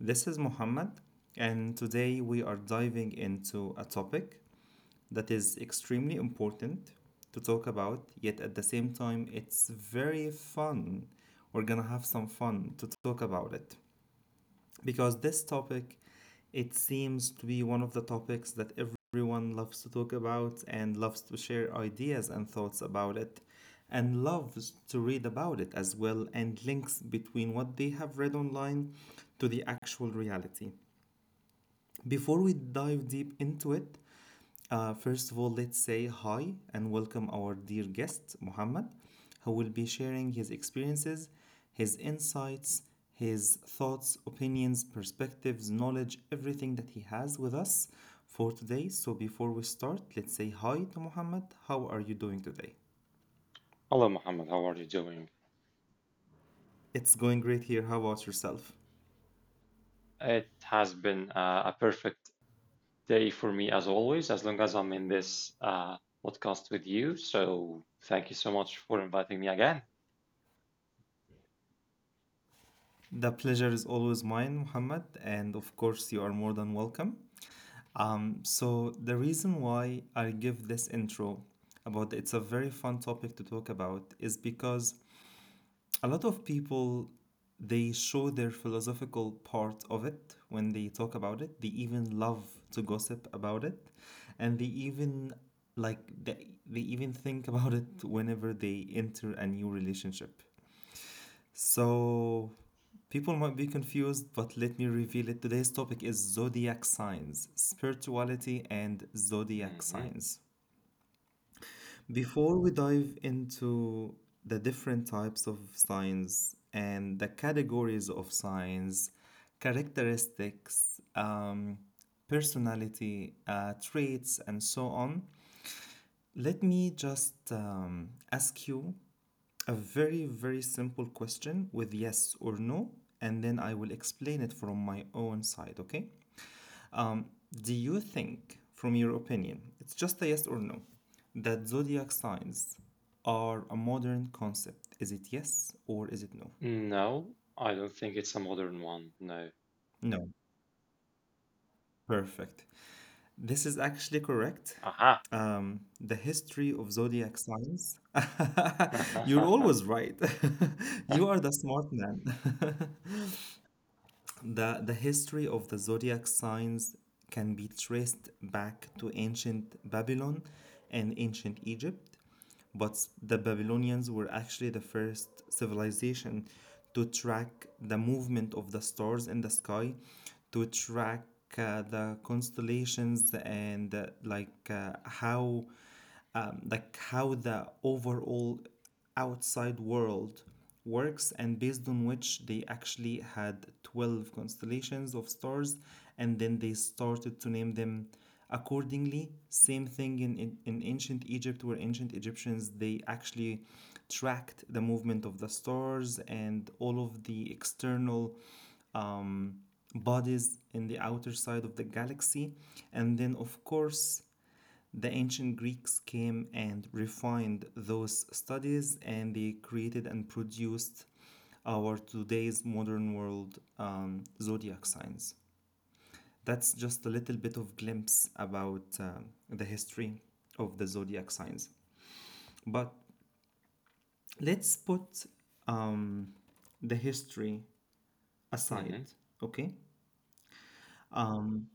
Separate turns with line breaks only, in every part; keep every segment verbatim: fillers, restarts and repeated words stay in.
This is Muhammad, and today we are diving into a topic that is extremely important to talk about, yet at the same time, it's very fun. We're gonna have some fun to talk about it because this topic it seems to be one of the topics that everyone loves to talk about and loves to share ideas and thoughts about it and loves to read about it as well and links between what they have read online to the actual reality. Before we dive deep into it, uh, first of all, let's say hi and welcome our dear guest, Muhammad, who will be sharing his experiences, his insights, his thoughts, opinions, perspectives, knowledge, everything that he has with us for today. So, before we start, let's say hi to Muhammad. How are you doing today?
Hello, Mohammed. How are you doing?
It's going great here. How about yourself?
It has been uh, a perfect day for me as always, as long as I'm in this uh, podcast with you. So thank you so much for inviting me again.
The pleasure is always mine, Muhammad, and of course, you are more than welcome. So, the reason why I give this intro about it's a very fun topic to talk about is because a lot of people they show their philosophical part of it when they talk about it. They even love to gossip about it and they even like they, they even think about it whenever they enter a new relationship. So, people might be confused, but let me reveal it. Today's topic is zodiac signs, spirituality, and zodiac
Hmm.
signs. Before we dive into the different types of signs and the categories of signs, characteristics, um, personality, uh, traits, and so on, let me just um, ask you a very, very simple question with yes or no, and then I will explain it from my own side, okay? Do you think, from your opinion, it's just a yes or no, that zodiac signs are a modern concept? Is it yes or is it no?
No, I don't think it's a modern one. No.
No. Perfect. This is actually correct.
Aha.
Um, the history of zodiac signs. You're always right. You are the smart man. The, the history of the zodiac signs can be traced back to ancient Babylon and ancient Egypt, but the Babylonians were actually the first civilization to track the movement of the stars in the sky, to track uh, the constellations and uh, like uh, how um, like how the overall outside world works and based on which they actually had twelve constellations of stars and then they started to name them accordingly. Same thing in in, in ancient egypt, where ancient Egyptians they actually tracked the movement of the stars and all of the external um, bodies in the outer side of the galaxy, and then of course the ancient Greeks came and refined those studies and they created and produced our today's modern world um, zodiac signs. That's just a little bit of glimpse about uh, the history of the zodiac signs. But let's put um, the history aside,
hmm
okay? Um,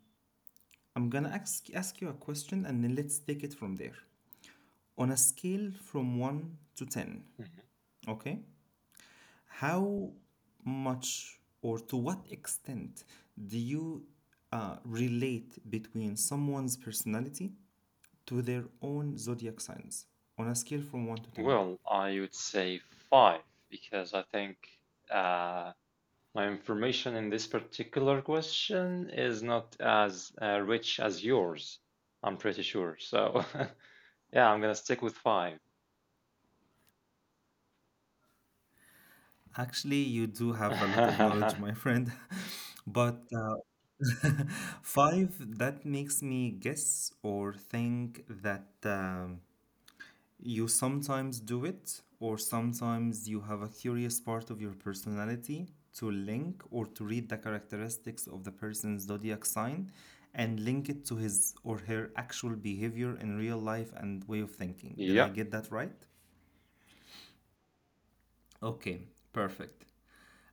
I'm gonna ask, ask you a question and then let's take it from there. On a scale from one to ten, okay? How much or to what extent do you uh, relate between someone's personality to their own zodiac signs on a scale from one to ten?
Well, I would say five because I think uh, My information in this particular question is not as uh, rich as yours, I'm pretty sure. So, yeah, I'm gonna stick with five.
Actually, you do have a lot of knowledge, my friend, but uh, five, that makes me guess or think that. Um, You sometimes do it, or sometimes you have a curious part of your personality to link or to read the characteristics of the person's zodiac sign and link it to his or her actual behavior in real life and way of thinking. Did I
Yeah,
get that right? Okay, perfect.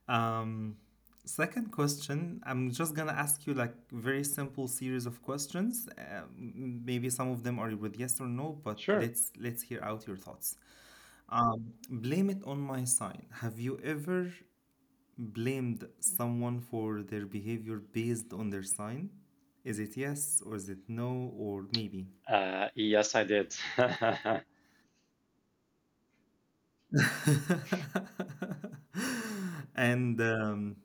Um, Second question, I'm just gonna ask you like very simple series of questions, um, maybe some of them are with yes or no, but
sure.
let's let's hear out your thoughts. Um, blame it on my sign. Have you ever blamed someone for their behavior based on their sign? Is it yes or is it no or maybe?
Uh, yes, I did.
And um,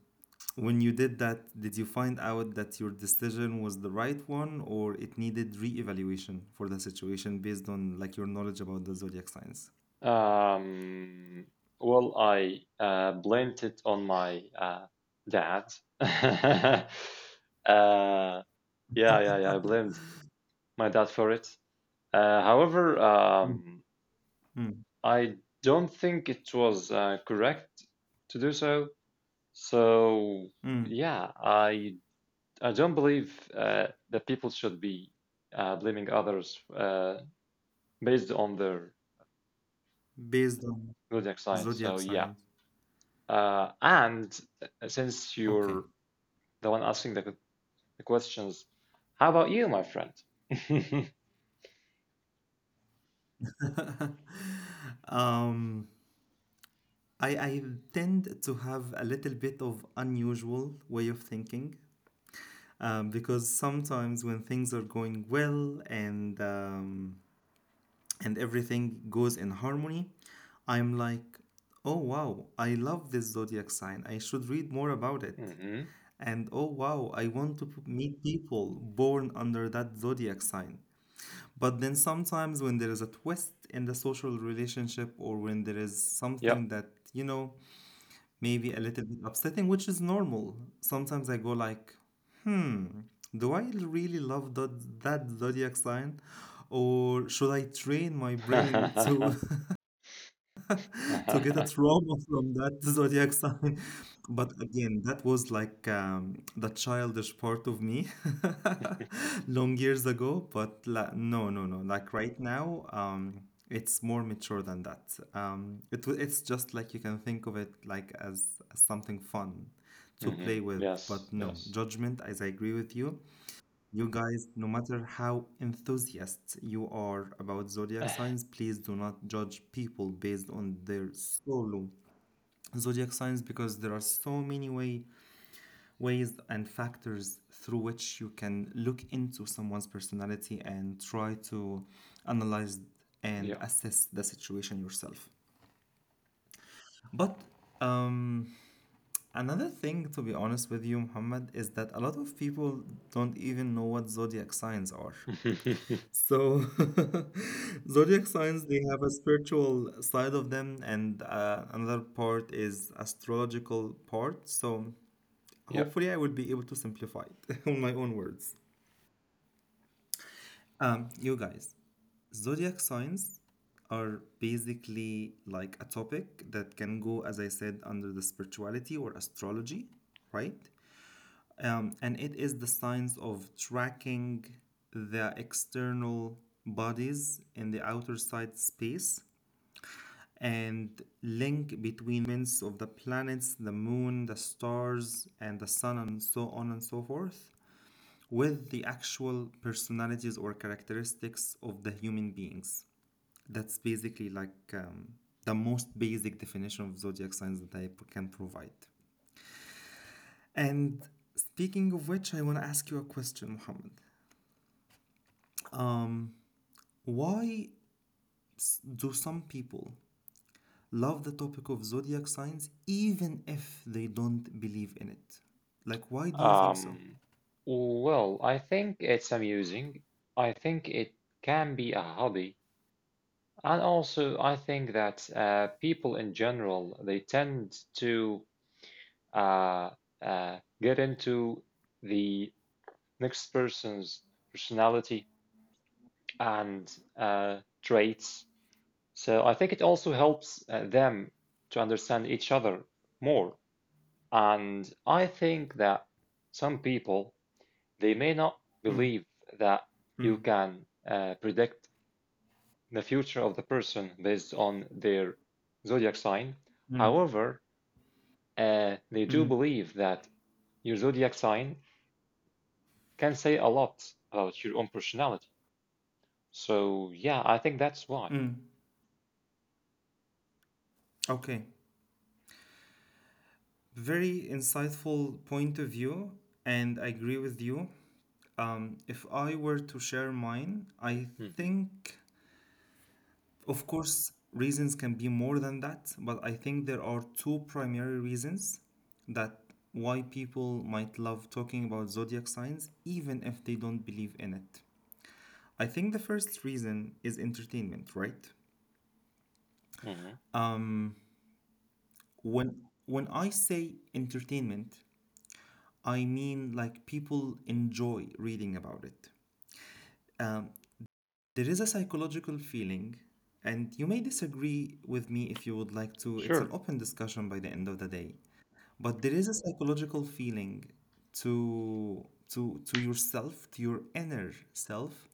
when you did that, did you find out that your decision was the right one or it needed reevaluation for the situation based on like your knowledge about the zodiac signs?
Um, well, I uh, blamed it on my uh, dad. Uh, yeah, yeah, yeah, I blamed my dad for it. Uh, however,
Mm.
um,
Mm.
I don't think it was uh, correct to do so. So
Mm.
yeah, I I don't believe uh, that people should be uh, blaming others uh, based on their
Based on
zodiac sign. So
zodiac
yeah,
signs.
uh, and uh, since
Okay.
you're the one asking the, the questions, how about you, my friend?
Um, I, I tend to have a little bit of unusual way of thinking um, because sometimes when things are going well and um, and everything goes in harmony, I'm like, oh wow, I love this zodiac sign. I should read more about it.
hmm
And oh wow, I want to p- meet people born under that zodiac sign. But then sometimes when there is a twist in the social relationship or when there is
Yep.
something that, you know, maybe a little bit upsetting, which is normal. Sometimes I go like, hmm, do I really love that, that zodiac sign, or should I train my brain to to get a trauma from that zodiac sign? But again, that was like um, the childish part of me long years ago. But la- no, no, no. Like right now, um, it's more mature than that. Um, it, w- it's just like you can think of it like as, as something fun to
hmm
play with.
Yes.
But no,
Yes.
judgment, as I agree with you, you guys, no matter how enthusiastic you are about zodiac signs, please do not judge people based on their solo zodiac signs because there are so many way, ways and factors through which you can look into someone's personality and try to analyze and
Yeah.
assess the situation yourself. But um, another thing, to be honest with you, Muhammad, is that a lot of people don't even know what zodiac signs are. So zodiac signs, they have a spiritual side of them, and uh, another part is astrological part. So
Yeah.
hopefully, I will be able to simplify it on my own words. Um, you guys, zodiac signs are basically like a topic that can go, as I said, under the spirituality or astrology, right? Um, and it is the science of tracking the external bodies in the outer side space and link between movements of the planets, the moon, the stars, and the sun, and so on and so forth, with the actual personalities or characteristics of the human beings. That's basically like um, the most basic definition of zodiac signs that I can provide. And speaking of which, I want to ask you a question, Mohammed. Um, why do some people love the topic of zodiac signs even if they don't believe in it? Like, why do you think so?
Um, well, I think it's amusing. I think it can be a hobby. And also, I think that uh, people in general, they tend to uh, uh, get into the next person's personality and uh, traits. So I think it also helps uh, them to understand each other more. And I think that some people they may not
Mm,
believe that you
mm,
can uh, predict the future of the person based on their zodiac sign.
mm,
However, uh, they do
mm,
believe that your zodiac sign can say a lot about your own personality. So, yeah, I think that's why.
mm. Okay. Very insightful point of view, and I agree with you. Um, if I were to share mine, I
Hmm.
think, of course, reasons can be more than that, but I think there are two primary reasons that why people might love talking about zodiac signs, even if they don't believe in it. I think the first reason is entertainment, right?
Hmm.
Um, when when I say entertainment, I mean like people enjoy reading about it. Um, there is a psychological feeling, and you may disagree with me if you would like to. It's an
Sure.
open discussion by the end of the day, but there is a psychological feeling to to to yourself, to your inner self,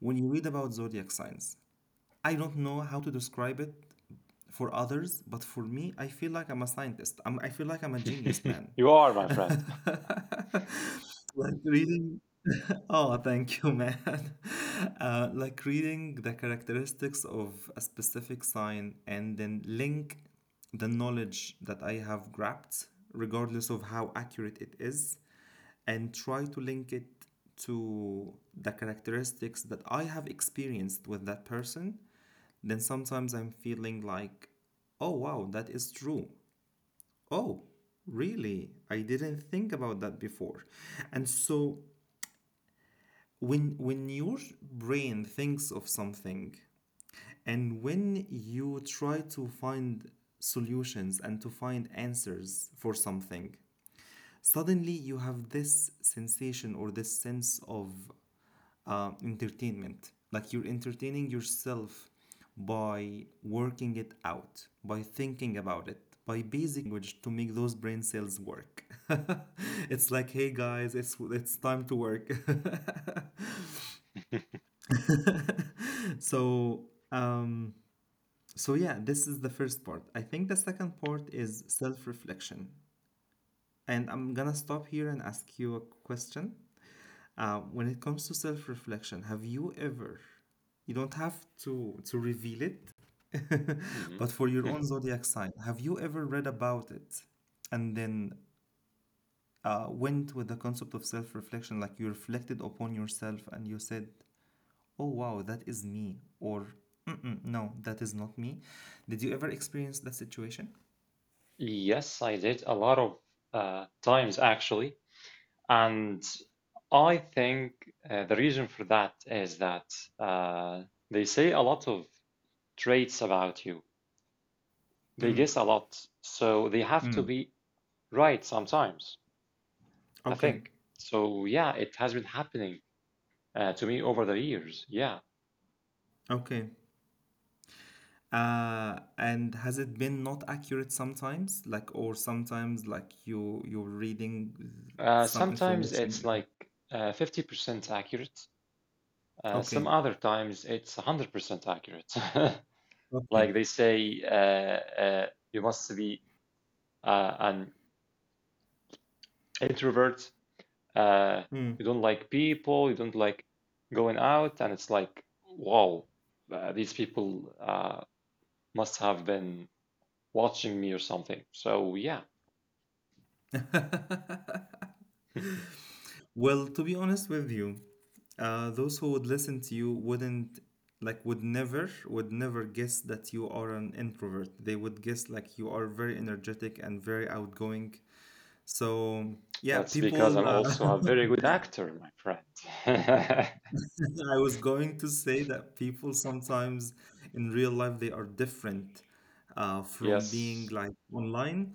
when you read about zodiac signs. I don't know how to describe it for others, but for me, I feel like I'm a scientist. I'm, I feel like I'm a genius man.
You are, my friend.
Like reading. Oh, thank you, man. Uh, like reading the characteristics of a specific sign and then link the knowledge that I have grabbed, regardless of how accurate it is, and try to link it to the characteristics that I have experienced with that person, then sometimes I'm feeling like, oh wow, that is true. Oh, really? I didn't think about that before. And so when when your brain thinks of something and when you try to find solutions and to find answers for something, suddenly you have this sensation or this sense of uh, entertainment. Like you're entertaining yourself by working it out, by thinking about it, by language, to make those brain cells work. It's like, hey guys, it's it's time to work. So um, so yeah, this is the first part. I think the second part is self reflection. And I'm gonna stop here and ask you a question. Uh, when it comes to self reflection, have you ever, you don't have to, to reveal it,
Hmm.
but for your own zodiac sign, have you ever read about it and then uh, went with the concept of self reflection? Like you reflected upon yourself and you said, oh wow, that is me, or mm-mm, no, that is not me. Did you ever experience that situation?
Yes, I did a lot of uh, times actually. And I think uh, the reason for that is that uh, they say a lot of traits about you. They
Mm.
guess a lot, so they have to
Mm.
be right sometimes, I
Okay,
think. So yeah, it has been happening uh, to me over the years. Yeah.
okay. Uh, and has it been not accurate sometimes? Like, or sometimes like you you're reading
Uh,
some
sometimes it's
information.
like uh, fifty percent accurate. Uh, some
Okay.
other times it's one hundred percent accurate. Like
Okay.
they say, uh, uh, you must be uh, an introvert, uh,
Hmm.
you don't like people, you don't like going out, and it's like, wow, uh, these people uh, must have been watching me or something. So yeah,
Well, to be honest with you, uh, those who would listen to you wouldn't like would never would never guess that you are an introvert. They would guess like you are very energetic and very outgoing. So yeah,
that's because
people
I'm
uh,
also a very good actor, my friend.
I was going to say that people sometimes in real life they are different uh, from being
Yes,
like online,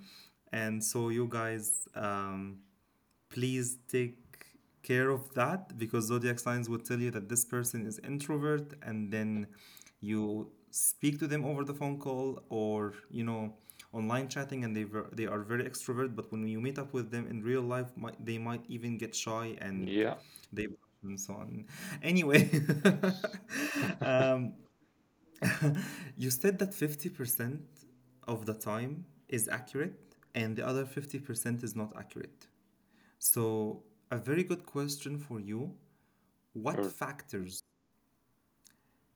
and so you guys um, please take care of that because zodiac signs would tell you that this person is introvert and then you speak to them over the phone call or you know online chatting and they ver- they are very extrovert, but when you meet up with them in real life might, they might even get shy and
yeah,
they and so on anyway.
yes,
um, you said that fifty percent of the time is accurate and the other fifty percent is not accurate, so a very good question for you. What
sure,
factors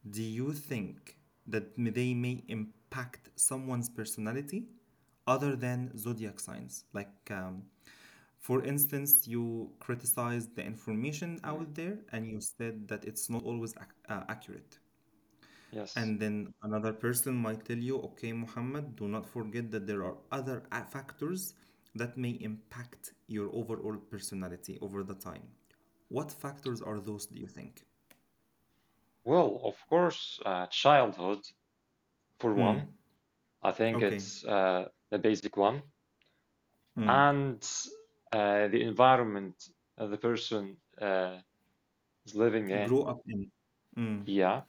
do you think that m- they may impact someone's personality other than zodiac signs? Like, um, for instance, you criticized the information
mm,
out there and you said that it's not always ac- uh, accurate.
yes.
And then another person might tell you, okay, Muhammad, do not forget that there are other a- factors that may impact your overall personality over the time. What factors are those, do you think?
Well, of course, uh, childhood for
Mm,
one, I think
okay.
it's uh, the basic one,
Mm.
and uh, the environment uh, the person uh, is living
Grow
in.
up in. Mm,
Yeah.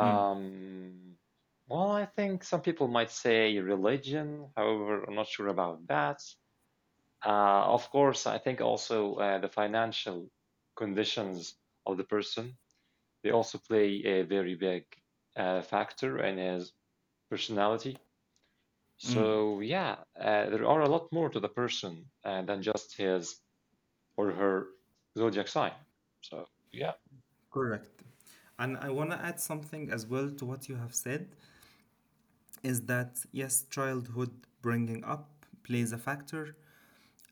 mm,
well, I think some people might say religion. However, I'm not sure about that. Uh, of course, I think also uh, the financial conditions of the person they also play a very big uh, factor in his personality.
mm.
So yeah, uh, there are a lot more to the person uh, than just his or her zodiac sign. So yeah.
Correct. And I want to add something as well to what you have said is that yes, childhood bringing up plays a factor,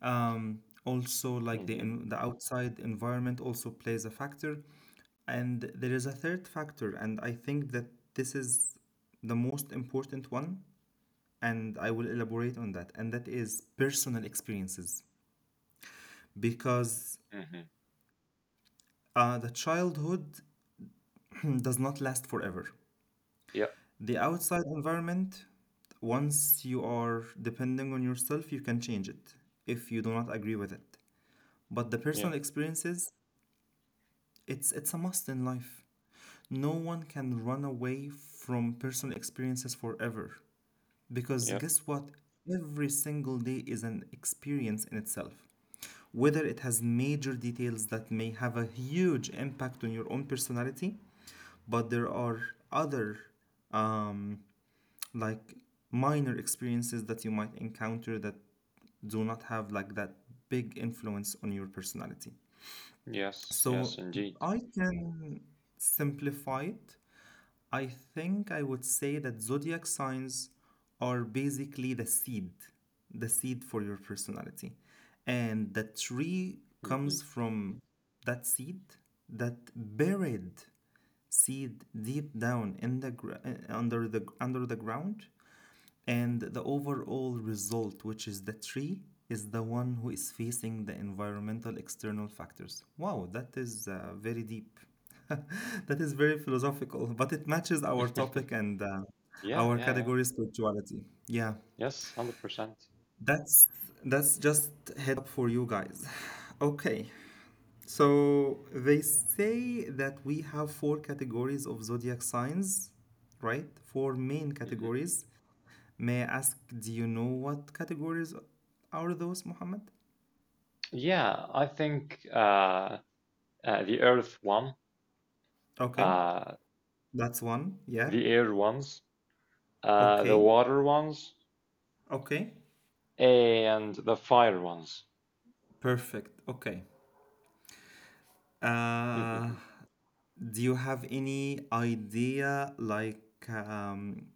um, also like the
Hmm.
en- the outside environment also plays a factor, and there is a third factor and I think that this is the most important one and I will elaborate on that, and that is personal experiences, because
Hmm.
uh, the childhood does not last forever.
Yeah.
The outside environment, once you are depending on yourself, you can change it if you do not agree with it. But the
Yeah.
personal experiences, It's, it's a must in life. No one can run away from personal experiences forever, because
Yeah.
guess what? Every single day is an experience in itself. Whether it has major details that may have a huge impact on your own personality, but there are other um, like minor experiences that you might encounter that do not have like that big influence on your personality.
Yes. Yes.
So, if
Indeed.
I can simplify it, I think I would say that zodiac signs are basically the seed, the seed for your personality. And the tree
Hmm.
comes from that seed, that buried seed deep down in the gr- uh, under the under the ground, and the overall result, which is the tree, is the one who is facing the environmental external factors. Wow, that is uh, very deep. That is very philosophical, but it matches our topic and uh,
Yeah.
our
Yeah. Yeah.
category, spirituality. Yeah,
Yes. Hundred percent.
that's that's just heads up for you guys. Okay, so they say that we have four categories of zodiac signs, right? Four main
hmm
categories. May I ask, do you know what categories are those, Mohammed?
Yeah. I think uh, uh, the earth one,
Okay,
uh,
that's one. Yeah.
the air ones, uh, the
Okay.
water ones,
Okay.
and the fire ones.
Perfect. Okay. Uh,
Mhm.
do you have any idea, like, um,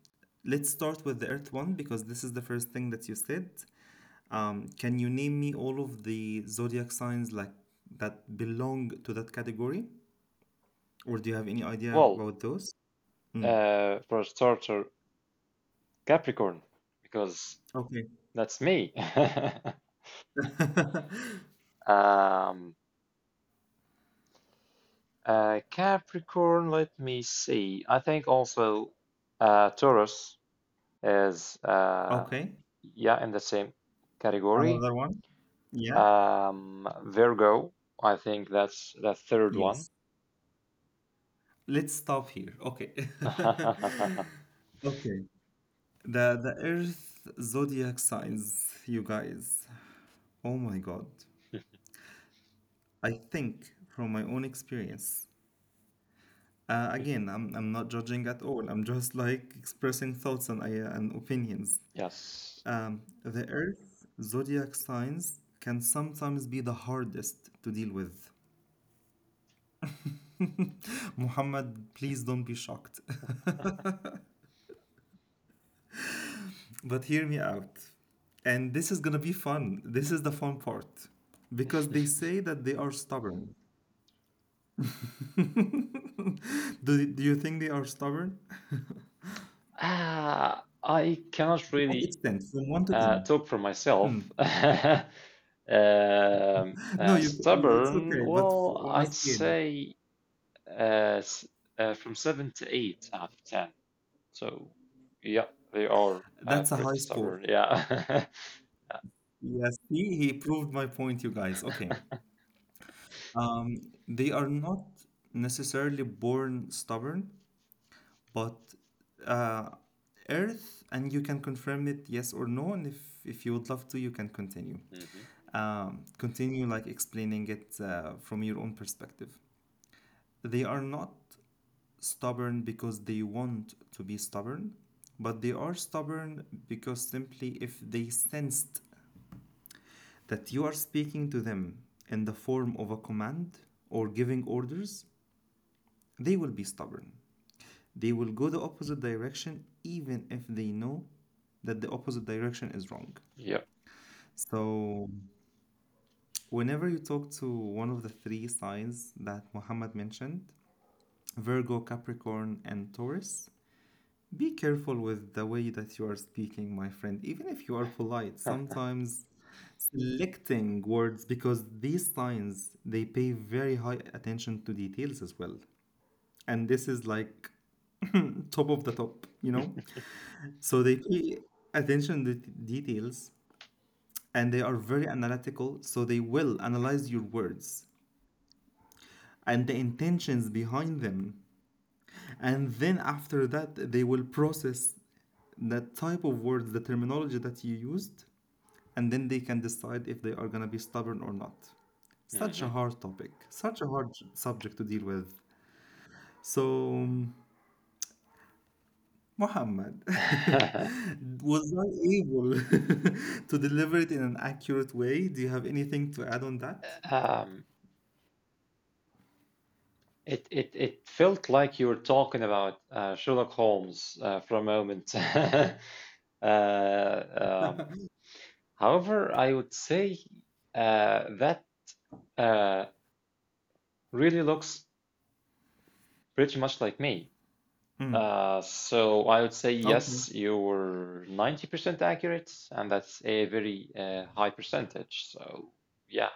let's start with the Earth one because this is the first thing that you said. Um, can you name me all of the zodiac signs like that belong to that category, or do you have any idea
Well,
about those? Mm.
uh, for a starter, Capricorn, because
Okay.
that's me. Um, Uh, Capricorn, let me see. I think also uh, Taurus is uh,
Okay.
yeah in the same category.
Another one? Yeah.
Um, Virgo, I think that's the third one.
Yes. Let's stop here. Okay. Okay. the the Earth zodiac signs, you guys. Oh my God. I think from my own experience. Uh, again, I'm I'm not judging at all. I'm just like expressing thoughts and I, and opinions.
Yes.
Um, the Earth zodiac signs can sometimes be the hardest to deal with. Muhammad, please don't be shocked. But hear me out. And this is gonna be fun. This is the fun part. Because they say that they are stubborn. do, do you think they are stubborn?
Ah, I cannot
To what
really
extent? From one to
uh,
ten?
talk for myself.
Mm.
Um,
No,
uh,
you, it's
stubborn,
okay, but
well,
on a
I'd
scale,
say. Uh, s- uh, from seven to eight out of ten. So, yeah, they are uh,
that's a
pretty
high score.
stubborn. Yeah.
Yes, he, he proved my point, you guys. Okay. Um, they are not necessarily born stubborn, but uh, Earth, and you can confirm it yes or no, and if, if you would love to, you can continue.
hmm
Um, continue like explaining it uh, from your own perspective. They are not stubborn because they want to be stubborn, but they are stubborn because simply if they sensed that you are speaking to them in the form of a command or giving orders, they will be stubborn. They will go the opposite direction even if they know that the opposite direction is wrong.
Yeah.
So, whenever you talk to one of the three signs that Muhammad mentioned, Virgo, Capricorn, and Taurus, be careful with the way that you are speaking, my friend. Even if you are polite, sometimes selecting words, because these signs, they pay very high attention to details as well. And this is like top of the top, you know? So they pay attention to det- details, and they are very analytical, so they will analyze your words and the intentions behind them. And then after that, they will process that type of words, the terminology that you used, and then they can decide if they are going to be stubborn or not. Such a
Hmm.
hard topic, such a hard subject to deal with. So um, Muhammad was not able to deliver it in an accurate way. Do you have anything to add on that?
Um, it it it felt like you were talking about uh, Sherlock Holmes uh, for a moment. Uh, um, however, I would say uh, that uh, really looks pretty much like me.
Mm.
Uh, so I would say
Okay,
yes, you were ninety percent accurate, and that's a very uh, high percentage. So yeah,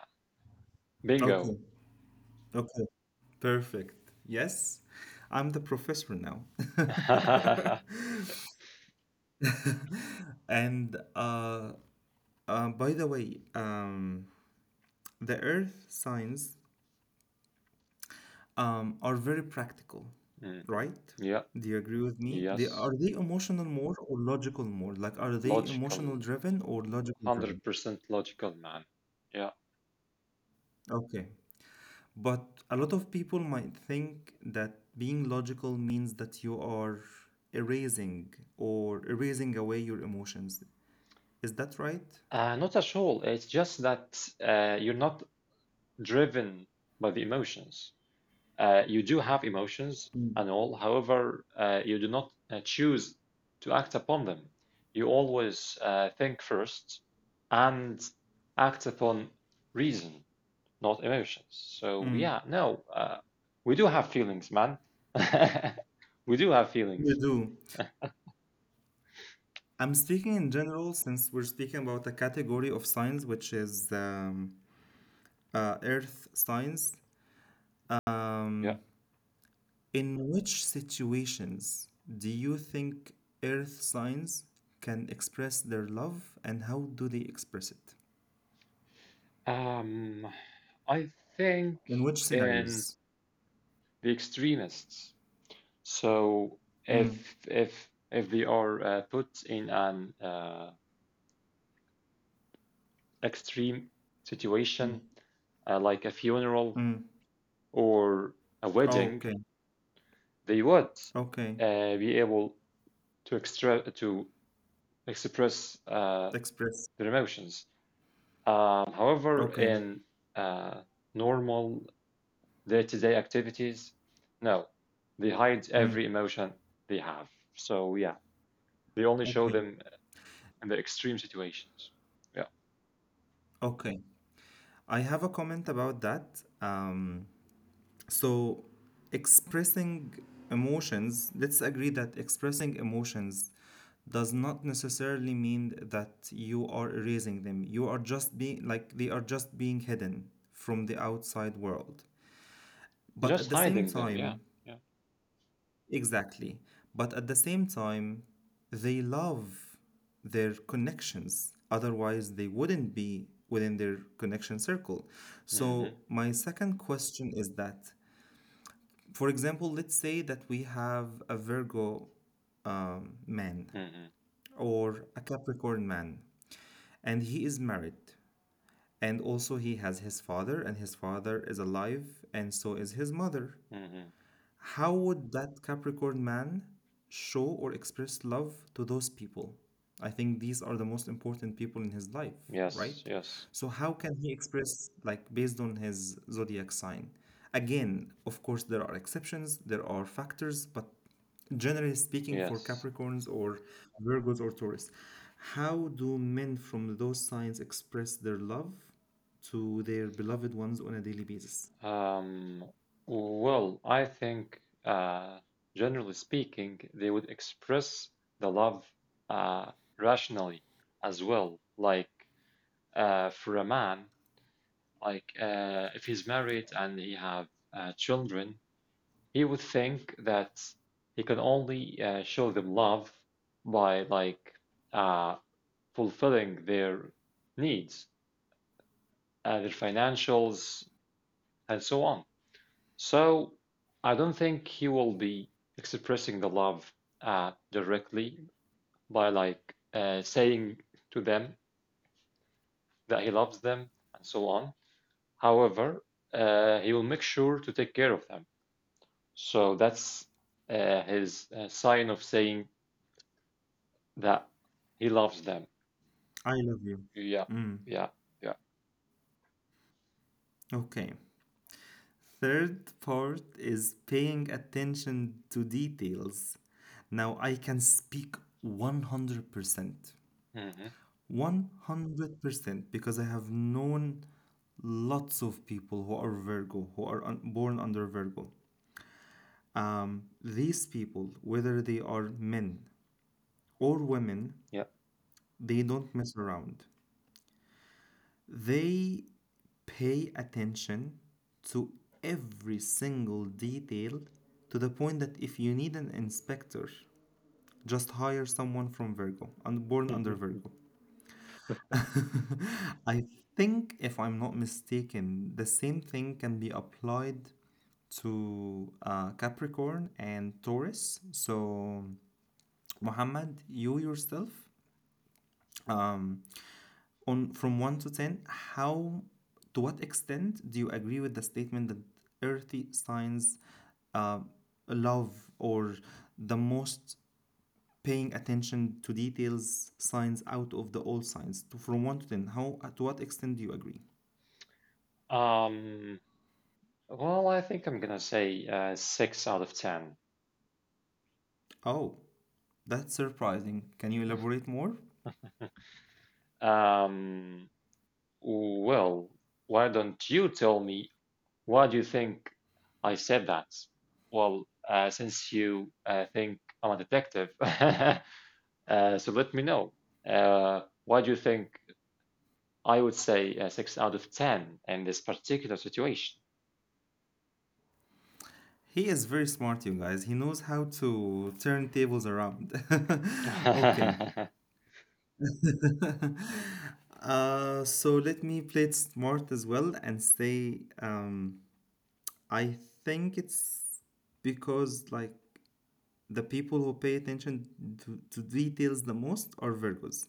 bingo.
okay, okay. Perfect. Yes, I'm the professor now. And uh, uh, by the way, um, the Earth signs um, are very practical,
hmm
right?
Yeah,
Do you agree with me? They are
yes,
they emotional more or logical more? Like, are they
logical,
emotional driven or logical driven?
one hundred percent logical, man. Yeah,
Okay. But a lot of people might think that being logical means that you are erasing or erasing away your emotions. Is that right?
uh, not at all. It's just that uh, you're not driven by the emotions. Uh, you do have emotions
Mm.
and all; however, uh, you do not uh, choose to act upon them. You always uh, think first and act upon reason, not emotions. So,
Mm.
yeah, no, uh, we do have feelings, man. We do have
You
feelings.
do. I'm speaking in general since we're speaking about a category of science which is um, uh, earth science.
Yeah.
Um, In which situations do you think earth signs can express their love and how do they express it?
Um, I think
In which
in
scenarios?
the extremists. So
Mm,
if if if they are uh, put in an uh, extreme
mm,
situation, uh, like a funeral
mm.
or a
Oh,
wedding,
okay,
they would
okay.
uh, be able to extra to express uh,
Express.
their emotions. Um, however,
Okay,
in uh, normal day-to-day activities, no, they hide
mm,
every emotion they have. So yeah, they only show
okay,
them in the extreme situations. Yeah,
okay. I have a comment about that. Um, So, expressing emotions, let's agree that expressing emotions does not necessarily mean that you are erasing them. You are just being like they are just being hidden from the outside world. But
just
at the same
hiding them. Yeah,
time,
yeah.
exactly. But at the same time, they love their connections. Otherwise, they wouldn't be within their connection circle.
Hmm.
So, my second question is that for example, let's say that we have a Virgo um, man
Hmm.
or a Capricorn man, and he is married, and also he has his father, and his father is alive, and so is his mother.
Hmm.
How would that Capricorn man show or express love to those people? I think these are the most important people in his life,
Yes,
right?
yes.
So how can he express like based on his zodiac sign? Again, of course there are exceptions, there are factors, but generally speaking, for
Yes.
Capricorns or Virgos or Taurus, how do men from those signs express their love to their beloved ones on a daily basis?
Um, well, I think, uh, generally speaking, they would express the love uh, rationally as well. Like uh, for a man, like uh, if he's married and he have uh, children, he would think that he can only uh, show them love by like uh, fulfilling their needs, uh, their financials, and so on. So I don't think he will be expressing the love uh, directly by like uh, saying to them that he loves them and so on. However, uh, he will make sure to take care of them. So that's uh, his uh, sign of saying that he loves them.
I love you.
Yeah, yeah, yeah.
Okay. Third part is paying attention to details. Now I can speak one hundred percent.
Hmm.
one hundred percent because I have known lots of people who are Virgo, who are un- born under Virgo. Um, these people, whether they are men or women,
Yeah.
they don't mess around. They pay attention to every single detail to the point that if you need an inspector, just hire someone from Virgo and born under
Mhm.
Virgo. I think, if I'm not mistaken, the same thing can be applied to uh, Capricorn and Taurus. So, Muhammad, you yourself, um, on from one to ten, how to what extent do you agree with the statement that earthy signs uh, love or the most paying attention to details signs out of the all signs, to from one to ten how to what extent do you agree?
Um, well, I think I'm gonna say uh, six out of ten.
Oh, that's surprising. Can you elaborate more?
Um, Well, why don't you tell me why do you think I said that? Well, uh, since you uh, think I'm a detective, uh, so let me know. Uh, why do you think I would say uh, six out of ten in this particular situation?
He is very smart, you guys. He knows how to turn tables around. Okay.
Hmm.
Uh, so let me play it smart as well and say, um, I think it's because like the people who pay attention to, to details the most are Virgos.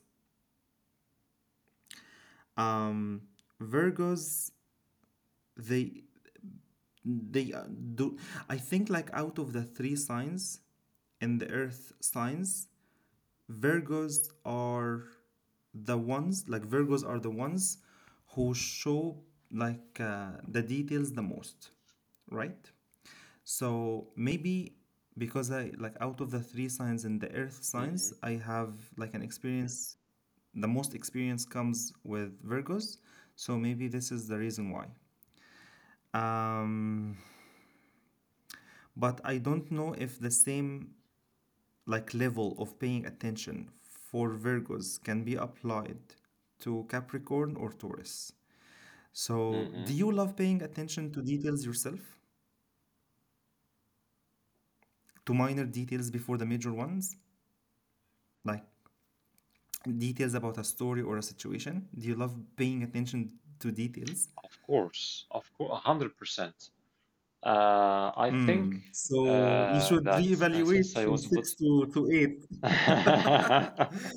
Um, Virgos, they they uh, do. I think like out of the three signs in the Earth signs, Virgos are the ones like Virgos are the ones who show like uh, the details the most, right? So maybe because I like out of the three signs in the earth signs, I have like an experience, the most experience comes with Virgos. So maybe this is the reason why. Um, but I don't know if the same like level of paying attention for Virgos can be applied to Capricorn or Taurus. So, do
Hmm.
you love paying attention to details yourself? To minor details before the major ones? Like details about a story or a situation? Do you love paying attention to details?
Of course, of course, a hundred percent. Uh, I think
Mm. So, you
uh,
should
that uh, since
reevaluate
I
from
was a little.
six to, to eight.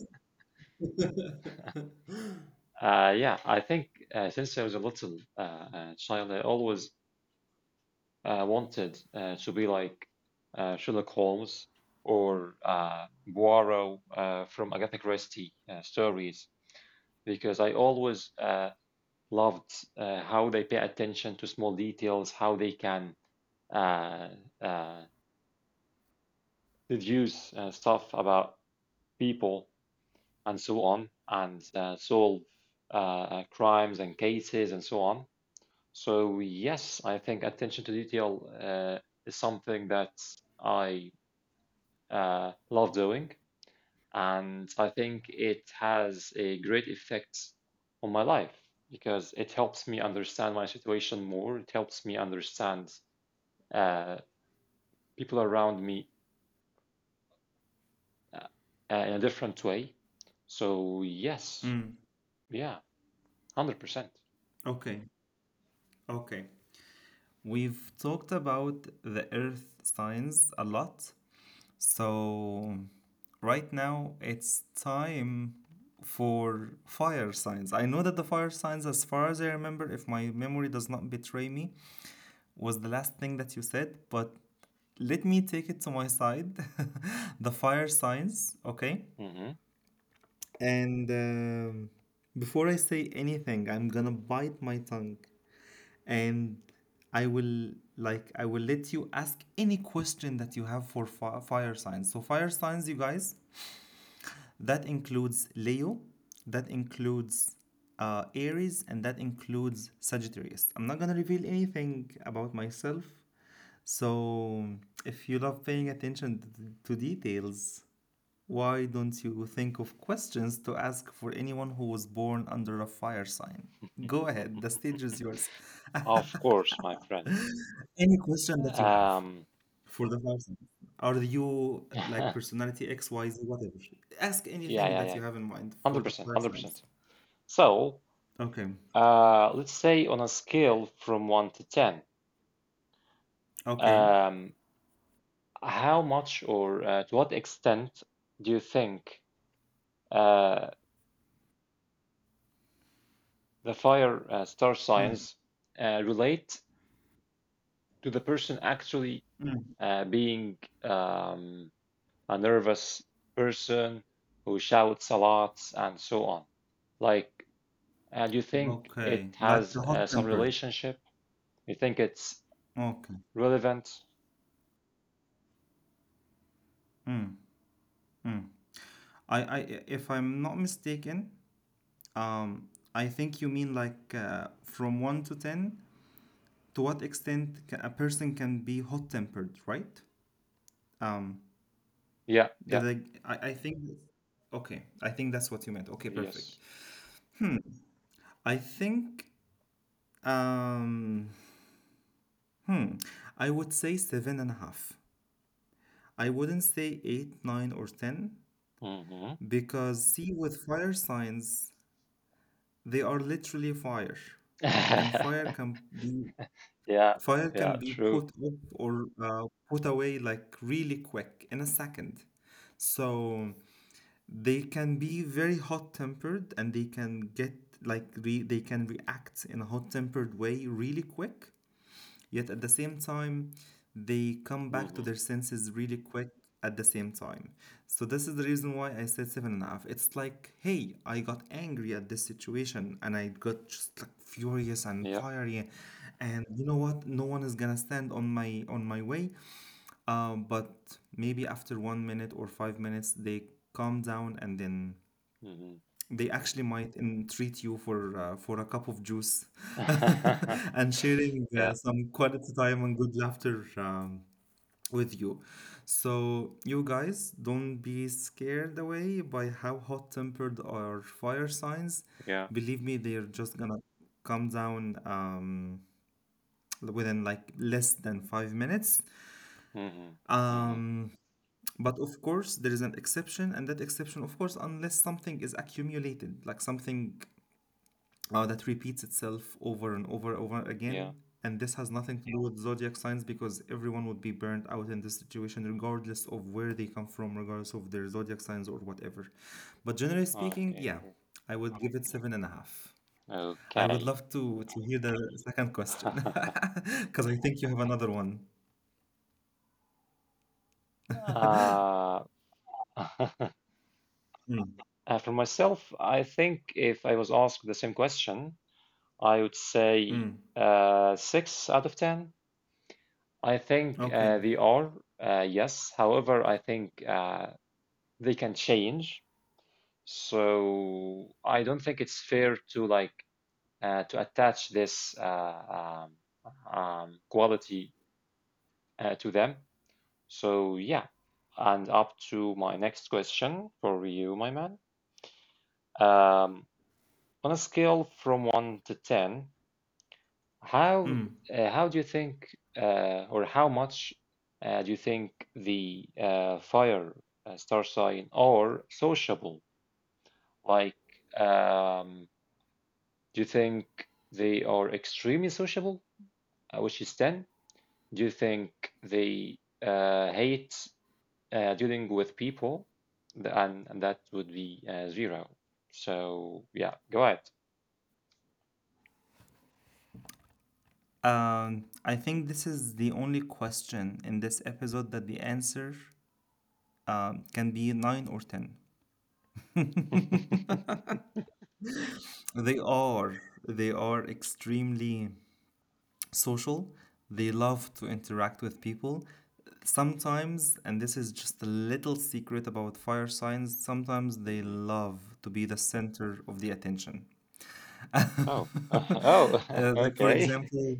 Uh, yeah, I think uh, since I was a little uh, uh, child, I always uh, wanted uh, to be like uh, Sherlock Holmes or uh, Poirot uh, from Agatha Christie uh, stories, because I always uh, loved uh, how they pay attention to small details, how they can uh, uh, deduce uh, stuff about people and so on, and uh, solve uh, uh, crimes and cases and so on. So yes, I think attention to detail uh, is something that I uh, love doing, and I think it has a great effect on my life because it helps me understand my situation more. It helps me understand uh, people around me uh, uh, in a different way. So yes,
Mm.
yeah, one hundred percent.
Okay. Okay. We've talked about the earth signs a lot. So right now it's time for fire signs. I know that the fire signs, as far as I remember, if my memory does not betray me, was the last thing that you said, but let me take it to my side. The fire signs, okay?
Hmm.
And um, before I say anything, I'm gonna bite my tongue and I will like I will let you ask any question that you have for fi- fire signs. So fire signs, you guys, that includes Leo, that includes uh, Aries, and that includes Sagittarius. I'm not gonna reveal anything about myself. So if you love paying attention to details, why don't you think of questions to ask for anyone who was born under a fire sign? Go ahead, the stage is yours.
Of course, my friend.
Any question that you have
Um,
for the fire sign. Are you like
yeah,
personality X, Y, Z, whatever? Ask
yeah,
anything that
yeah,
you have in mind for the
one hundred percent,
fire signs.
one hundred percent. So,
Okay.
uh, let's say on a scale from one to ten,
Okay.
um, how much or uh, to what extent do you think uh, the fire uh, star
Mm,
signs uh, relate to the person actually
mm.
uh, being um, a nervous person who shouts a lot and so on? Like, uh, do you think it
Okay. Like
has
the hot
uh, some
tempered.
relationship? You think it's
Okay.
relevant?
Mm, mm. I, I, if I'm not mistaken, um, I think you mean like uh, from one to ten, to what extent ca- a person can be hot tempered, right? Um,
Yeah, yeah.
did I, I, I think, okay, I think that's what you meant. Okay, perfect.
Yes.
Hmm. I think, um, hmm, I would say seven and a half. I wouldn't say eight, nine, or ten.
Hmm.
Because, see, with fire signs, they are literally fire, and fire can be
Yeah.
fire can
Yeah.
be
True.
put up or uh, put away like really quick in a second. So they can be very hot-tempered, and they can get like re they can react in a hot-tempered way really quick. Yet at the same time, they come back to
Hmm.
their senses really quick at the same time. So this is the reason why I said seven and a half. It's like, hey, I got angry at this situation and I got just like furious and
Yeah.
fiery, and you know what? No one is gonna stand on my on my way. Um, but maybe after one minute or five minutes, they calm down and then
Hmm.
they actually might entreat you for uh, for a cup of juice and sharing uh,
Yeah.
some quality time and good laughter um, with you. So you guys don't be scared away by how hot-tempered our fire signs.
Yeah.
Believe me, they're just gonna come down um, within like less than five minutes.
Hmm. Hmm.
Um, but of course, there is an exception, and that exception, of course, unless something is accumulated, like something uh, that repeats itself over and over and over
Yeah.
again. And this has nothing to do with zodiac signs because everyone would be burnt out in this situation, regardless of where they come from, regardless of their zodiac signs or whatever. But generally speaking,
Okay.
yeah,
Per-
I would give it
mhm.
seven and a half. I would
Okay.
love to, to hear the second question because I think you have another one.
Uh, uh,
Mm,
for myself, I think if I was asked the same question, I would say
mm,
uh, six out of ten. I think
okay.
uh, they are, uh, yes. However, I think uh, they can change. So I don't think it's fair to like uh, to attach this uh, um, um, quality uh, to them. So yeah, and up to my next question for you, my man. Um, on a scale from one to ten, how
Mm.
uh, how do you think uh, or how much uh, do you think the uh, fire uh, star sign are sociable? Like, um, Do you think they are extremely sociable, uh, which is ten? Do you think they uh, hate uh, dealing with people? And, and that would be uh, zero. So, yeah, go ahead.
Um, I think this is the only question in this episode that the answer um, can be nine or ten. They are. They are extremely social. They love to interact with people. Sometimes, and this is just a little secret about fire signs, sometimes they
Mhm.
love to be the center of the attention.
Oh, oh,
Uh, like, for
okay.
example,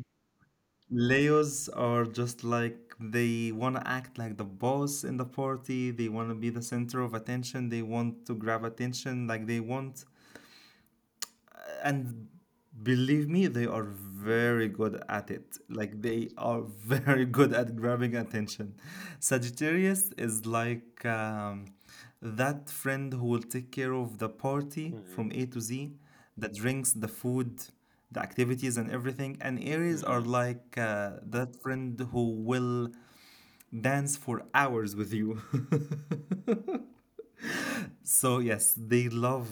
Leos are just like they want to act like the boss in the party. They want to be the center of attention. They want to grab attention. Like, they want, and believe me, they are
Hmm.
very good at it. Like they are very good at grabbing attention. Sagittarius is like um, that friend who will take care of the party
Hmm.
from A to Z, the drinks, the food, the activities, and everything. And Aries are
Hmm.
like uh, that friend who will dance for hours with you. So yes, they love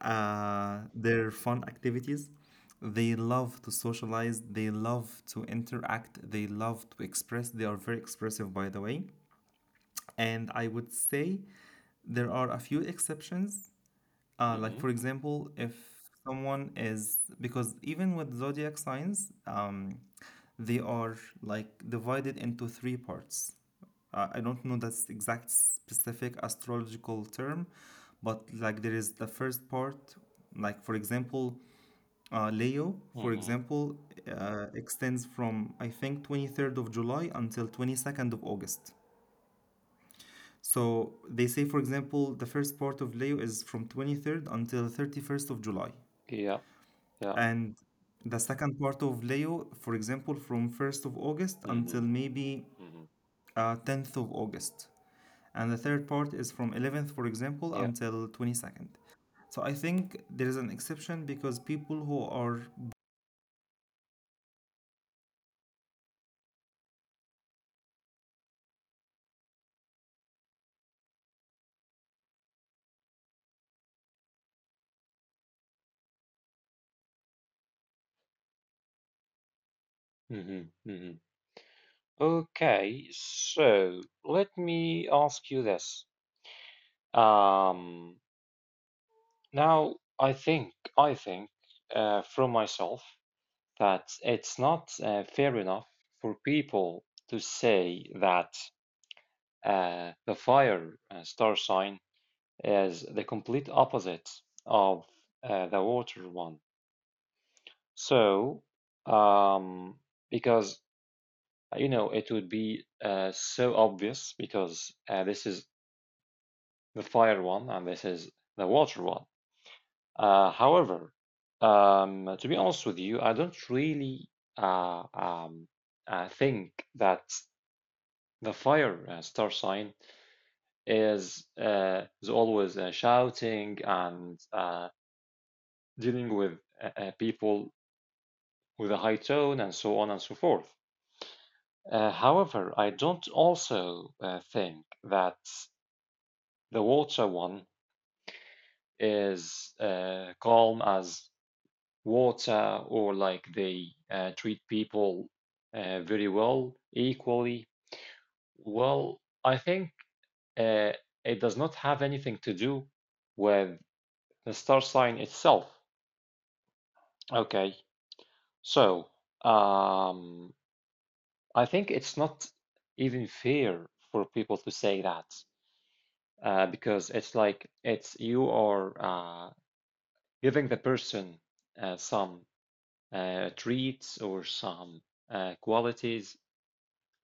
uh, their fun activities. They love to socialize. They love to interact. They love to express. They are very expressive, by the way. And I would say there are a few exceptions. Uh, like,
Hmm.
for example, if someone is because even with zodiac signs, um, they are like divided into three parts. Uh, I don't know that's exact specific astrological term, but like there is the first part, like for example, uh, Leo, for
Hmm.
example, uh, extends from I think twenty-third of July until twenty-second of August. So they say, for example, the first part of Leo is from twenty-third until thirty-first of July.
Yeah, yeah.
And the second part of Leo, for example, from first of August until
Hmm.
maybe
Hmm.
uh, tenth of August. And the third part is from eleventh, for example,
Yeah.
until twenty-second. So I think there is an exception because people who are
Hmm. Hmm. Okay, so let me ask you this. Um, Now, I think, I think uh, from myself that it's not uh, fair enough for people to say that uh, the fire uh, star sign is the complete opposite of uh, the water one. So, um, because, you know, it would be uh, so obvious, because uh, this is the fire one and this is the water one. Uh, however, um, to be honest with you, I don't really uh, um, uh, think that the fire uh, star sign is uh, is always uh, shouting and uh, dealing with uh, uh, people with a high tone and so on and so forth. Uh, however, I don't also uh, think that the water one is uh, calm as water or like they uh, treat people uh, very well, equally. Well, I think uh, it does not have anything to do with the star sign itself. Okay, so um, I think it's not even fair for people to say that uh, because it's like it's you are uh, giving the person uh, some uh, treats or some uh, qualities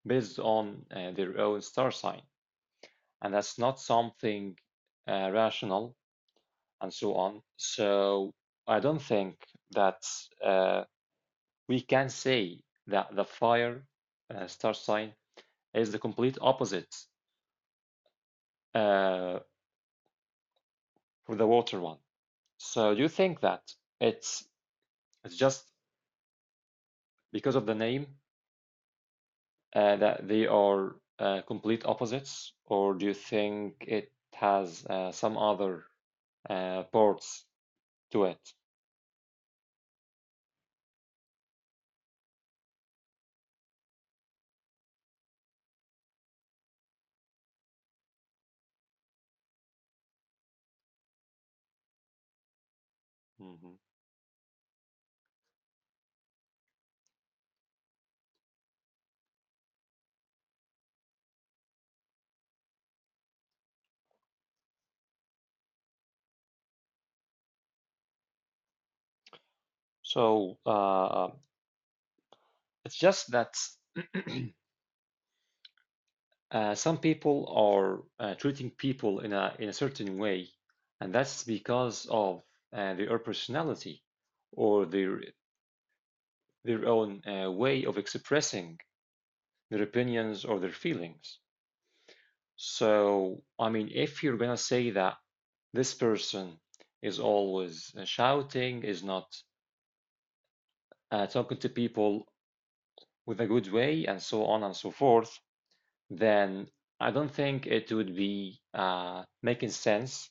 based on uh, their own star sign. And that's not something uh, rational and so on. So I don't think that uh, we can say that the fire uh, star sign is the complete opposite uh, for the water one. So do you think that it's it's just because of the name uh, that they are uh, complete opposites, or do you think it has uh, some other uh, parts to it? Mhm. So uh, it's just that uh, some people are uh, treating people in a in a certain way, and that's because of uh, their personality or their their own uh, way of expressing their opinions or their feelings. So I mean, if you're gonna say that this person is always uh, shouting, is not uh, talking to people with a good way, and so on and so forth, then I don't think it would be uh, making sense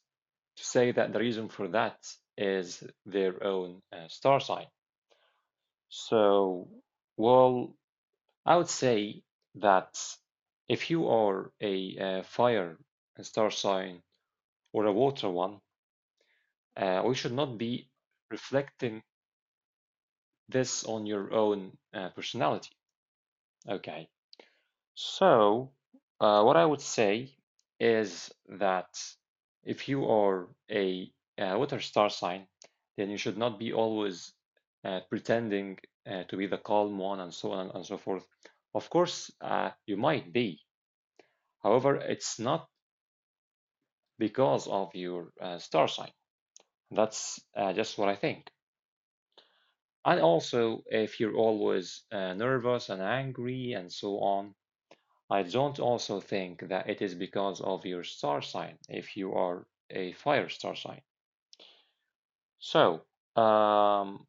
to say that the reason for that is their own uh, star sign. So, well, I would say that if you are a uh, fire star sign or a water one, uh, we should not be reflecting this on your own uh, personality. Okay. So, uh, what I would say is that if you are a, uh water star sign, then you should not be always uh, pretending uh, to be the calm one and so on and so forth. Of course, uh, you might be. However, it's not because of your uh, star sign. That's uh, just what I think. And also, if you're always uh, nervous and angry and so on, I don't also think that it is because of your star sign if you are a fire star sign. So, um,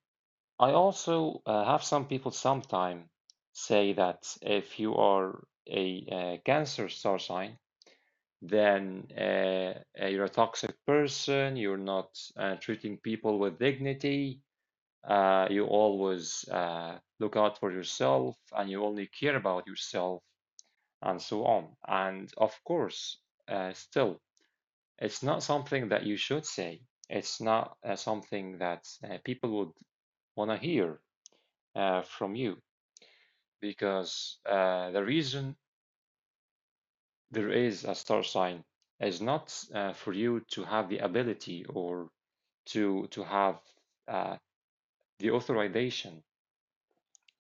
I also uh, have some people sometimes say that if you are a, uh Cancer star sign, then uh, uh, you're a toxic person, you're not uh, treating people with dignity, uh, you always uh, look out for yourself, and you only care about yourself and so on. And of course, uh, still, it's not something that you should say. It's not uh, something that uh, people would want to hear uh, from you because uh, the reason there is a star sign is not uh, for you to have the ability or to to have uh, the authorization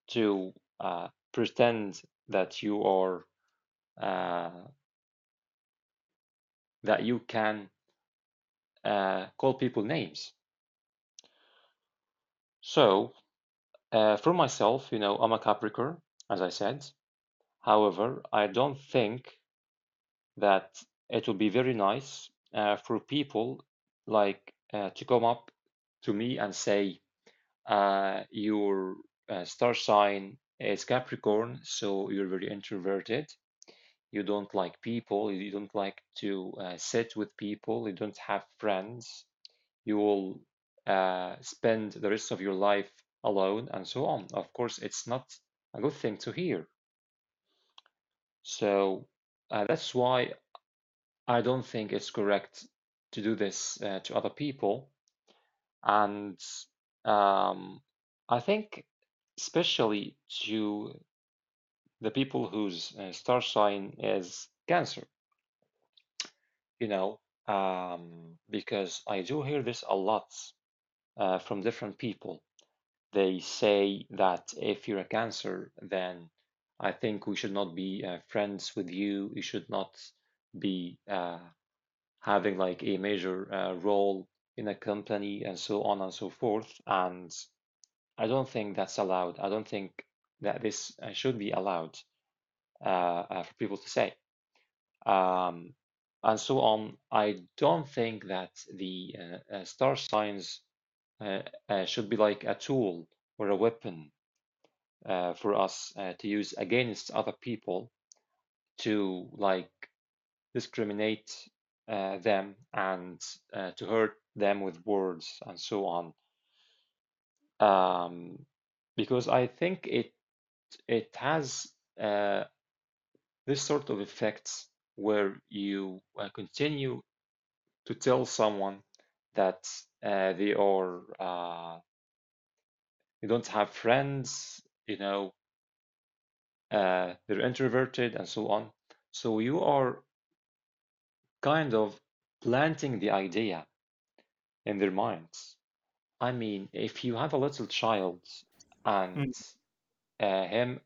to uh, pretend that you are uh, that you can uh, call people names. So Uh, for myself, you know, I'm a Capricorn, as I said. However, I don't think that it will be very nice uh, for people like uh, to come up to me and say, uh, your uh, star sign is Capricorn, so you're very introverted. You don't like people. You don't like to uh, sit with people. You don't have friends, you will uh, spend the rest of your life alone and so on. Of course, it's not a good thing to hear. So uh, that's why I don't think it's correct to do this uh, to other people. And um, I think, especially to the people whose uh, star sign is Cancer, you know, um, because I do hear this a lot uh, from different people. They say that if you're a Cancer, then I think we should not be uh, friends with you. You should not be uh, having like a major uh, role in a company and so on and so forth. And I don't think that's allowed. I don't think that this uh, should be allowed uh, uh, for people to say. Um, and so on. I don't think that the uh, uh, star signs uh, uh, should be like a tool or a weapon uh, for us uh, to use against other people to like discriminate uh, them and uh, to hurt them with words and so on. Um, because I think it it has uh, this sort of effects where you uh, continue to tell someone that uh, they are uh, they don't have friends, you know, uh, they're introverted and so on. So you are kind of planting the idea in their minds. I mean, if you have a little child and
Mm,
uh, him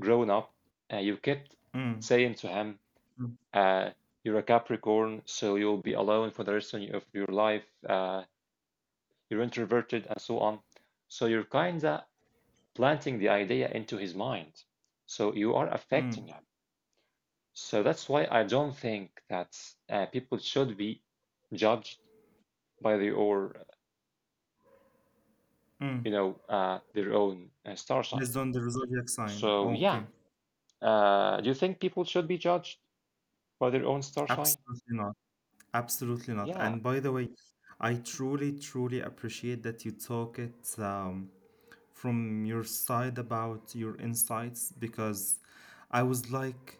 grown up, uh, you kept
mm,
saying to him,
mm,
uh, "You're a Capricorn, so you'll be alone for the rest of your of your life. Uh, you're introverted, and so on." So you're kinda planting the idea into his mind. So you are
mm,
affecting him. So that's why I don't think that uh, people should be judged by their or
mm.
you know, uh, their own uh, star sign.
Based on the zodiac sign.
So yeah,
Okay.
uh, do you think people should be judged by their own star sign?
Absolutely not. Absolutely not.
Yeah.
And by the way, I truly, truly appreciate that you talk it um, from your side about your insights because I was like,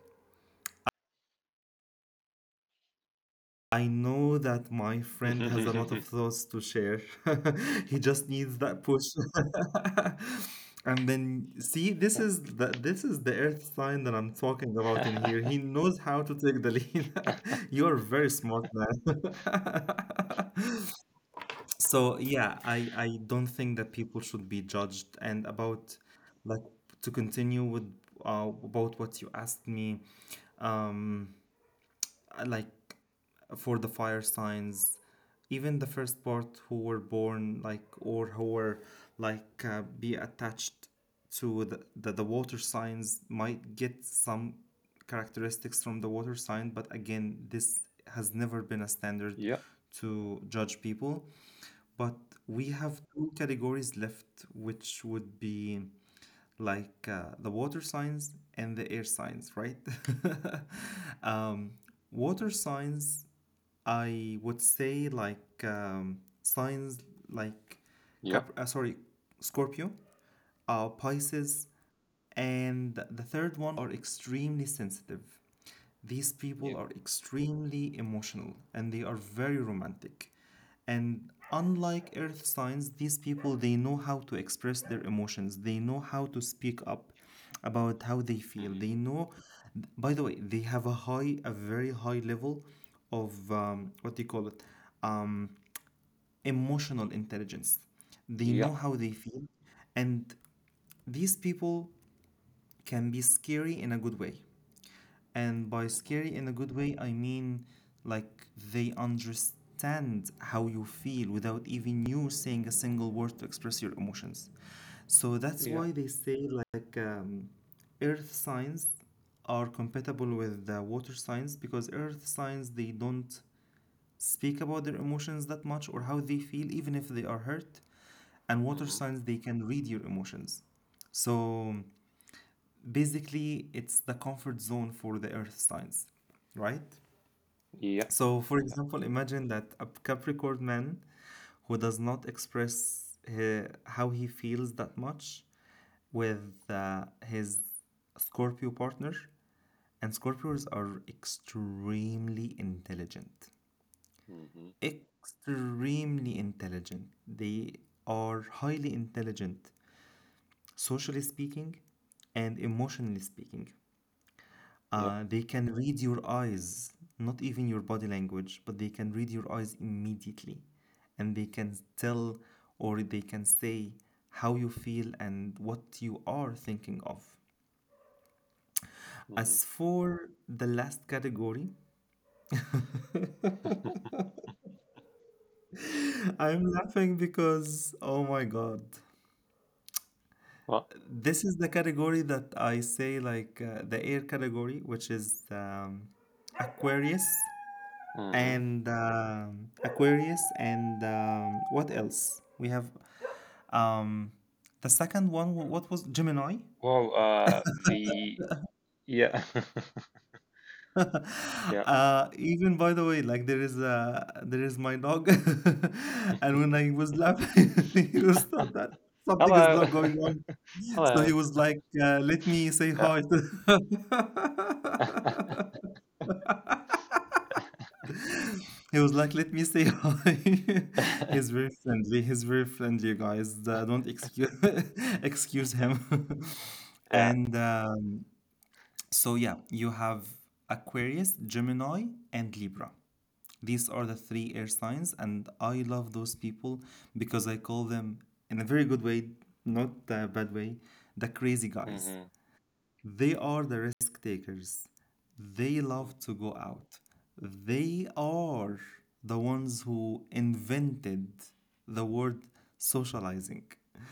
I know that my friend has a lot of thoughts to share. He just needs that push. And then see, this is the this is the earth sign that I'm talking about in here. He knows how to take the lead. You are very smart man. So yeah, I I don't think that people should be judged. And about, like, to continue with uh, about what you asked me, um, uh, like, for the fire signs, even the first part who were born like or who were like uh, be attached to the, the the water signs might get some characteristics from the water sign. But again, this has never been a standard
Yeah.
to judge people, but we have two categories left, which would be like uh, the water signs and the air signs, right? um, Water signs, I would say, like, um, signs like
Yeah.
Cap- uh, sorry, Scorpio, uh, Pisces, and the third one are extremely sensitive. These people
Yeah.
are extremely emotional and they are very romantic. And unlike earth signs, these people they know how to express their emotions. They know how to speak up about how they feel.
Mm-hmm.
They know By the way, they have a high a very high level of um, what do you call it? Um, Emotional intelligence. They
Yeah.
know how they feel and these people can be scary in a good way. And by
Mm-hmm.
scary in a good way, I mean like they understand how you feel without even you saying a single word to express your emotions. So that's
Yeah.
why they say, like, um, earth signs are compatible with the water signs, because earth signs, they don't speak about their emotions that much or how they feel even if they are hurt, and water
Mm-hmm.
signs, they can read your emotions. So basically it's the comfort zone for the earth signs, right?
Yeah.
So for
Yeah.
example, imagine that a Capricorn man who does not express he- how he feels that much with uh, his Scorpio partner. And Scorpios are extremely intelligent
Mm-hmm.
extremely intelligent, they are highly intelligent, socially speaking and emotionally speaking.
Yeah.
Uh, they can read your eyes, not even your body language, but they can read your eyes immediately. And they can tell or they can say how you feel and what you are thinking of.
Mm-hmm.
As for the last category, I'm laughing because, oh my God.
Well.
This is the category that I say, like, uh, the air category, which is um, Aquarius.
Mm-hmm.
and um Aquarius and um, what else? We have, um, the second one. wh- What was Gemini?
Well. Uh. The. Yeah. Yeah.
Uh, even, by the way, like there is a there is my dog, and when I was laughing, he was thought that something is
Hello.
not going on. So he
Hello.
was like, uh, "Let me say
Yeah.
hi." to- He was like, "Let me say hi." He's very friendly. He's very friendly, guys. Uh, don't excuse excuse him.
Yeah.
And um, so yeah, you have Aquarius, Gemini, and Libra. These are the three air signs, and I love those people because I call them in a very good way, not a bad way, the crazy guys.
Mm-hmm.
They are the risk takers. They love to go out. They are the ones who invented the word socializing.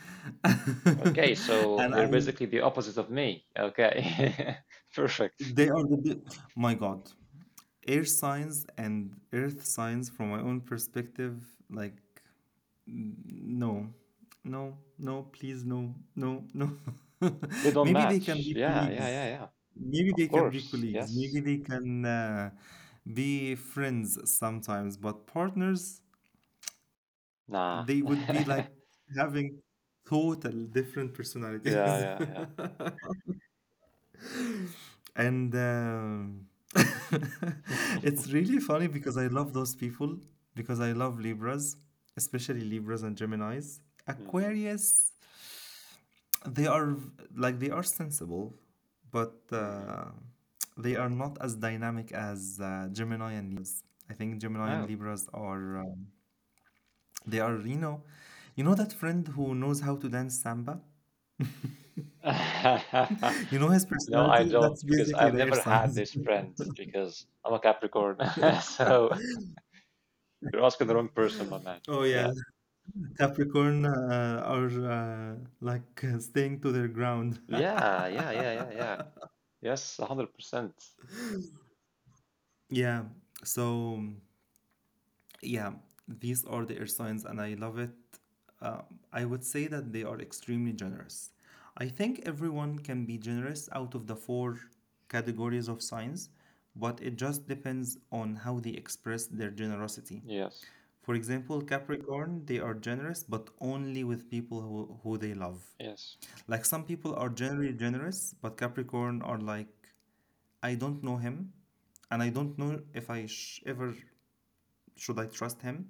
Okay, so
and I,
they're basically the opposite of me. Okay, perfect.
they are the, my God, air signs and earth signs from my own perspective, like, no, no, no, please, no, no, no.
They don't
Maybe they can
match.
be
Yeah, yeah,
colleagues.
yeah, yeah.
Maybe
Of
they can be
course.
colleagues. Maybe
Yes.
they can uh, be friends sometimes, but partners,
Nah.
they would be like having total different
Yeah,
personalities.
yeah, yeah.
and um, It's really funny because I love those people because I love Libras, especially Libras and Geminis.
hmm
Aquarius, they are like they are sensible, but
hmm
uh, they are not as dynamic as uh, Gemini and Libras. I think Gemini and
Oh.
Libras are. Uh, they are, you know, you know that friend who knows how to dance samba? You know his
No, I
personality? That's
don't, because
basically
I've
their
never had
signs.
this friend because I'm a Capricorn. So you're asking the wrong person, my man.
Oh yeah,
Yeah.
Capricorn uh, are uh, like uh, staying to their ground.
Yeah, yeah, yeah, yeah, yeah. Yes, one hundred percent.
Yeah, so yeah, these are their signs, and I love it. Uh, I would say that they are extremely generous. I think everyone can be generous out of the four categories of signs, but it just depends on how they express their generosity.
Yes.
For example, Capricorn, they are generous, but only with people who, who they love.
Yes.
Like some people are generally generous, but Capricorn are like, I don't know him, and I don't know if I sh- ever should I trust him?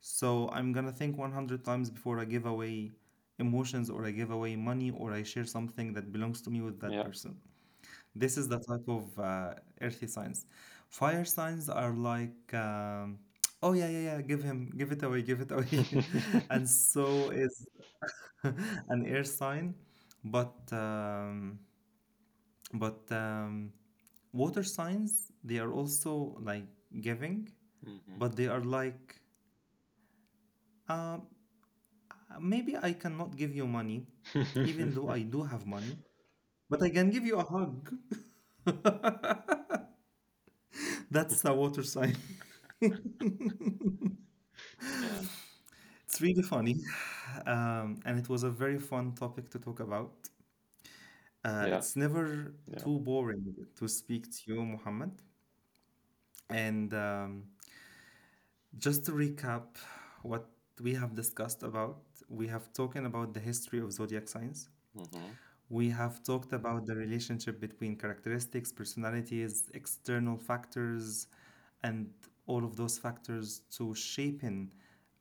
So I'm gonna think one hundred times before I give away emotions or I give away money or I share something that belongs to me with that
Yeah.
person. This is the type of uh, earthy signs. Fire signs are like, um, oh yeah, yeah, yeah, give him, give it away, give it away. And so is an air sign. But, um, but um, water signs, they are also like giving,
hmm
but they are like, um, Uh, maybe I cannot give you money, even though I do have money, but I can give you a hug. That's the water sign.
Yeah,
It's really funny. Um, and it was a very fun topic to talk about. Uh,
yeah,
it's never
yeah.
too boring to speak to you, Muhammad. And um, Just to recap what we have discussed about, we have talked about the history of zodiac signs.
hmm
We have talked about the relationship between characteristics, personalities, external factors, and all of those factors to shaping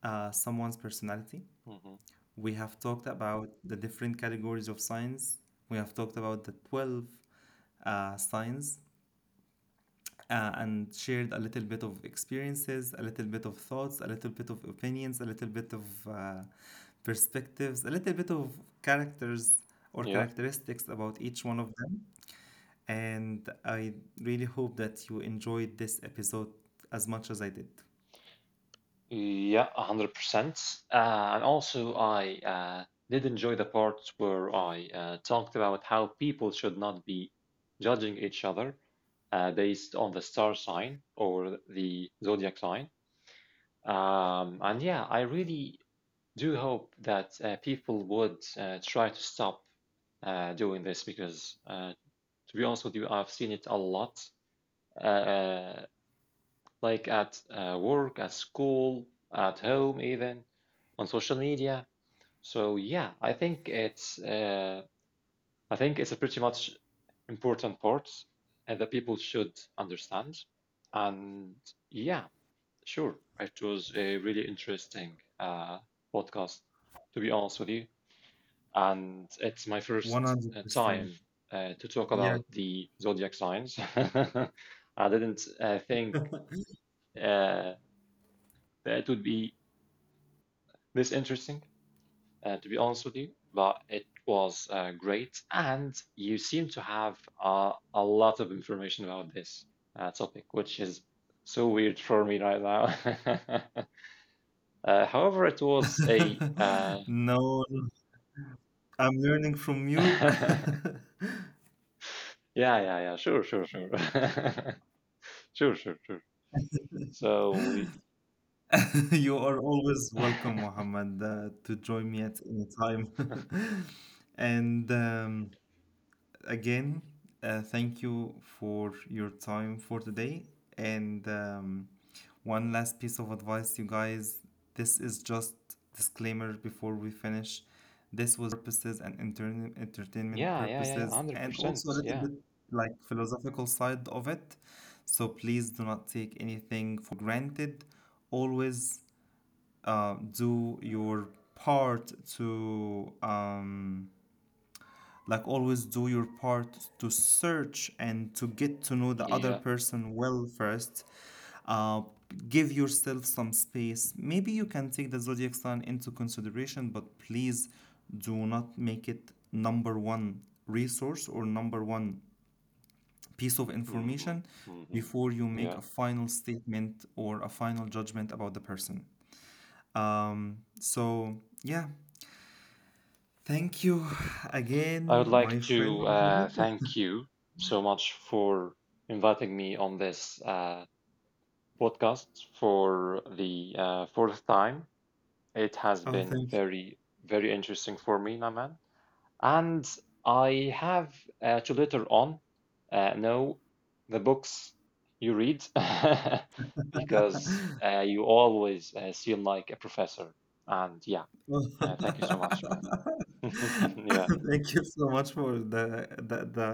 uh, someone's personality.
hmm
We have talked about the different categories of signs. We have talked about the twelve uh, signs uh, and shared a little bit of experiences, a little bit of thoughts, a little bit of opinions, a little bit of uh, perspectives, a little bit of characters or
Yeah,
characteristics about each one of them, and I really hope that you enjoyed this episode as much as I did.
yeah, one hundred percent. Uh, and also, I uh, did enjoy the part where I uh, talked about how people should not be judging each other uh, based on the star sign or the zodiac sign. Um, and yeah, I really do hope that uh, people would uh, try to stop uh, doing this because, uh, to be honest with you, I've seen it a lot. Uh, like at uh, work, at school, at home, even on social media. So yeah, I think it's uh, I think it's a pretty much important part and that people should understand. And yeah, sure, it was a really interesting uh, podcast, to be honest with you. And it's my first uh,
one hundred percent.
time uh, to talk
Yeah.
about the zodiac signs. I didn't uh, think uh, that it would be this interesting, uh, to be honest with you, but it was uh, great. And you seem to have uh, a lot of information about this uh, topic, which is so weird for me right now. Uh, however, it was a uh,
No, no, I'm learning from you.
yeah, yeah, yeah, sure, sure, sure, sure, sure, sure. So we
You are always welcome,
yeah,
Mohammed, uh, to join me at any time. And um, Again, uh, thank you for your time for today. And um, One last piece of advice, you guys. This is just disclaimer before we finish. This was purposes and intern- entertainment
yeah, yeah, yeah,
purposes, and also a
one hundred percent,
little
yeah,
bit like philosophical side of it. So please do not take anything for granted. Always uh, do your part to um, like always do your part to search and to get to know the other
yeah,
person well first. uh, Give yourself some space. Maybe you can take the zodiac sign into consideration, but please do not make it number one resource or number one piece of
mm-hmm,
information
mm-hmm,
before you make
yeah.
a final statement or a final judgment about the person. Um, so yeah, thank you
I would
again
like
my friend.
to uh, thank you so much for inviting me on this uh, podcast for the uh, fourth time. It has
Oh,
been
thank
very, very interesting for me, Naman. And I have uh, to later on uh, know the books you read because uh, you always uh, seem like a professor. And yeah, uh, thank you so much, man. yeah,
thank you so much for the the, the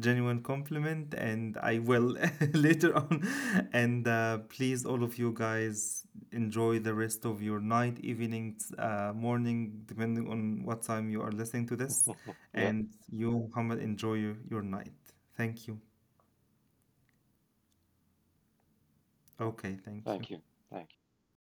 genuine compliment, and I will later on. And uh, Please, all of you guys, enjoy the rest of your night, evening, uh, morning, depending on what time you are listening to this.
yeah,
And you, Muhammad, enjoy your, your night. Thank you.
yeah.
Okay, thank you.
Thank you. Thank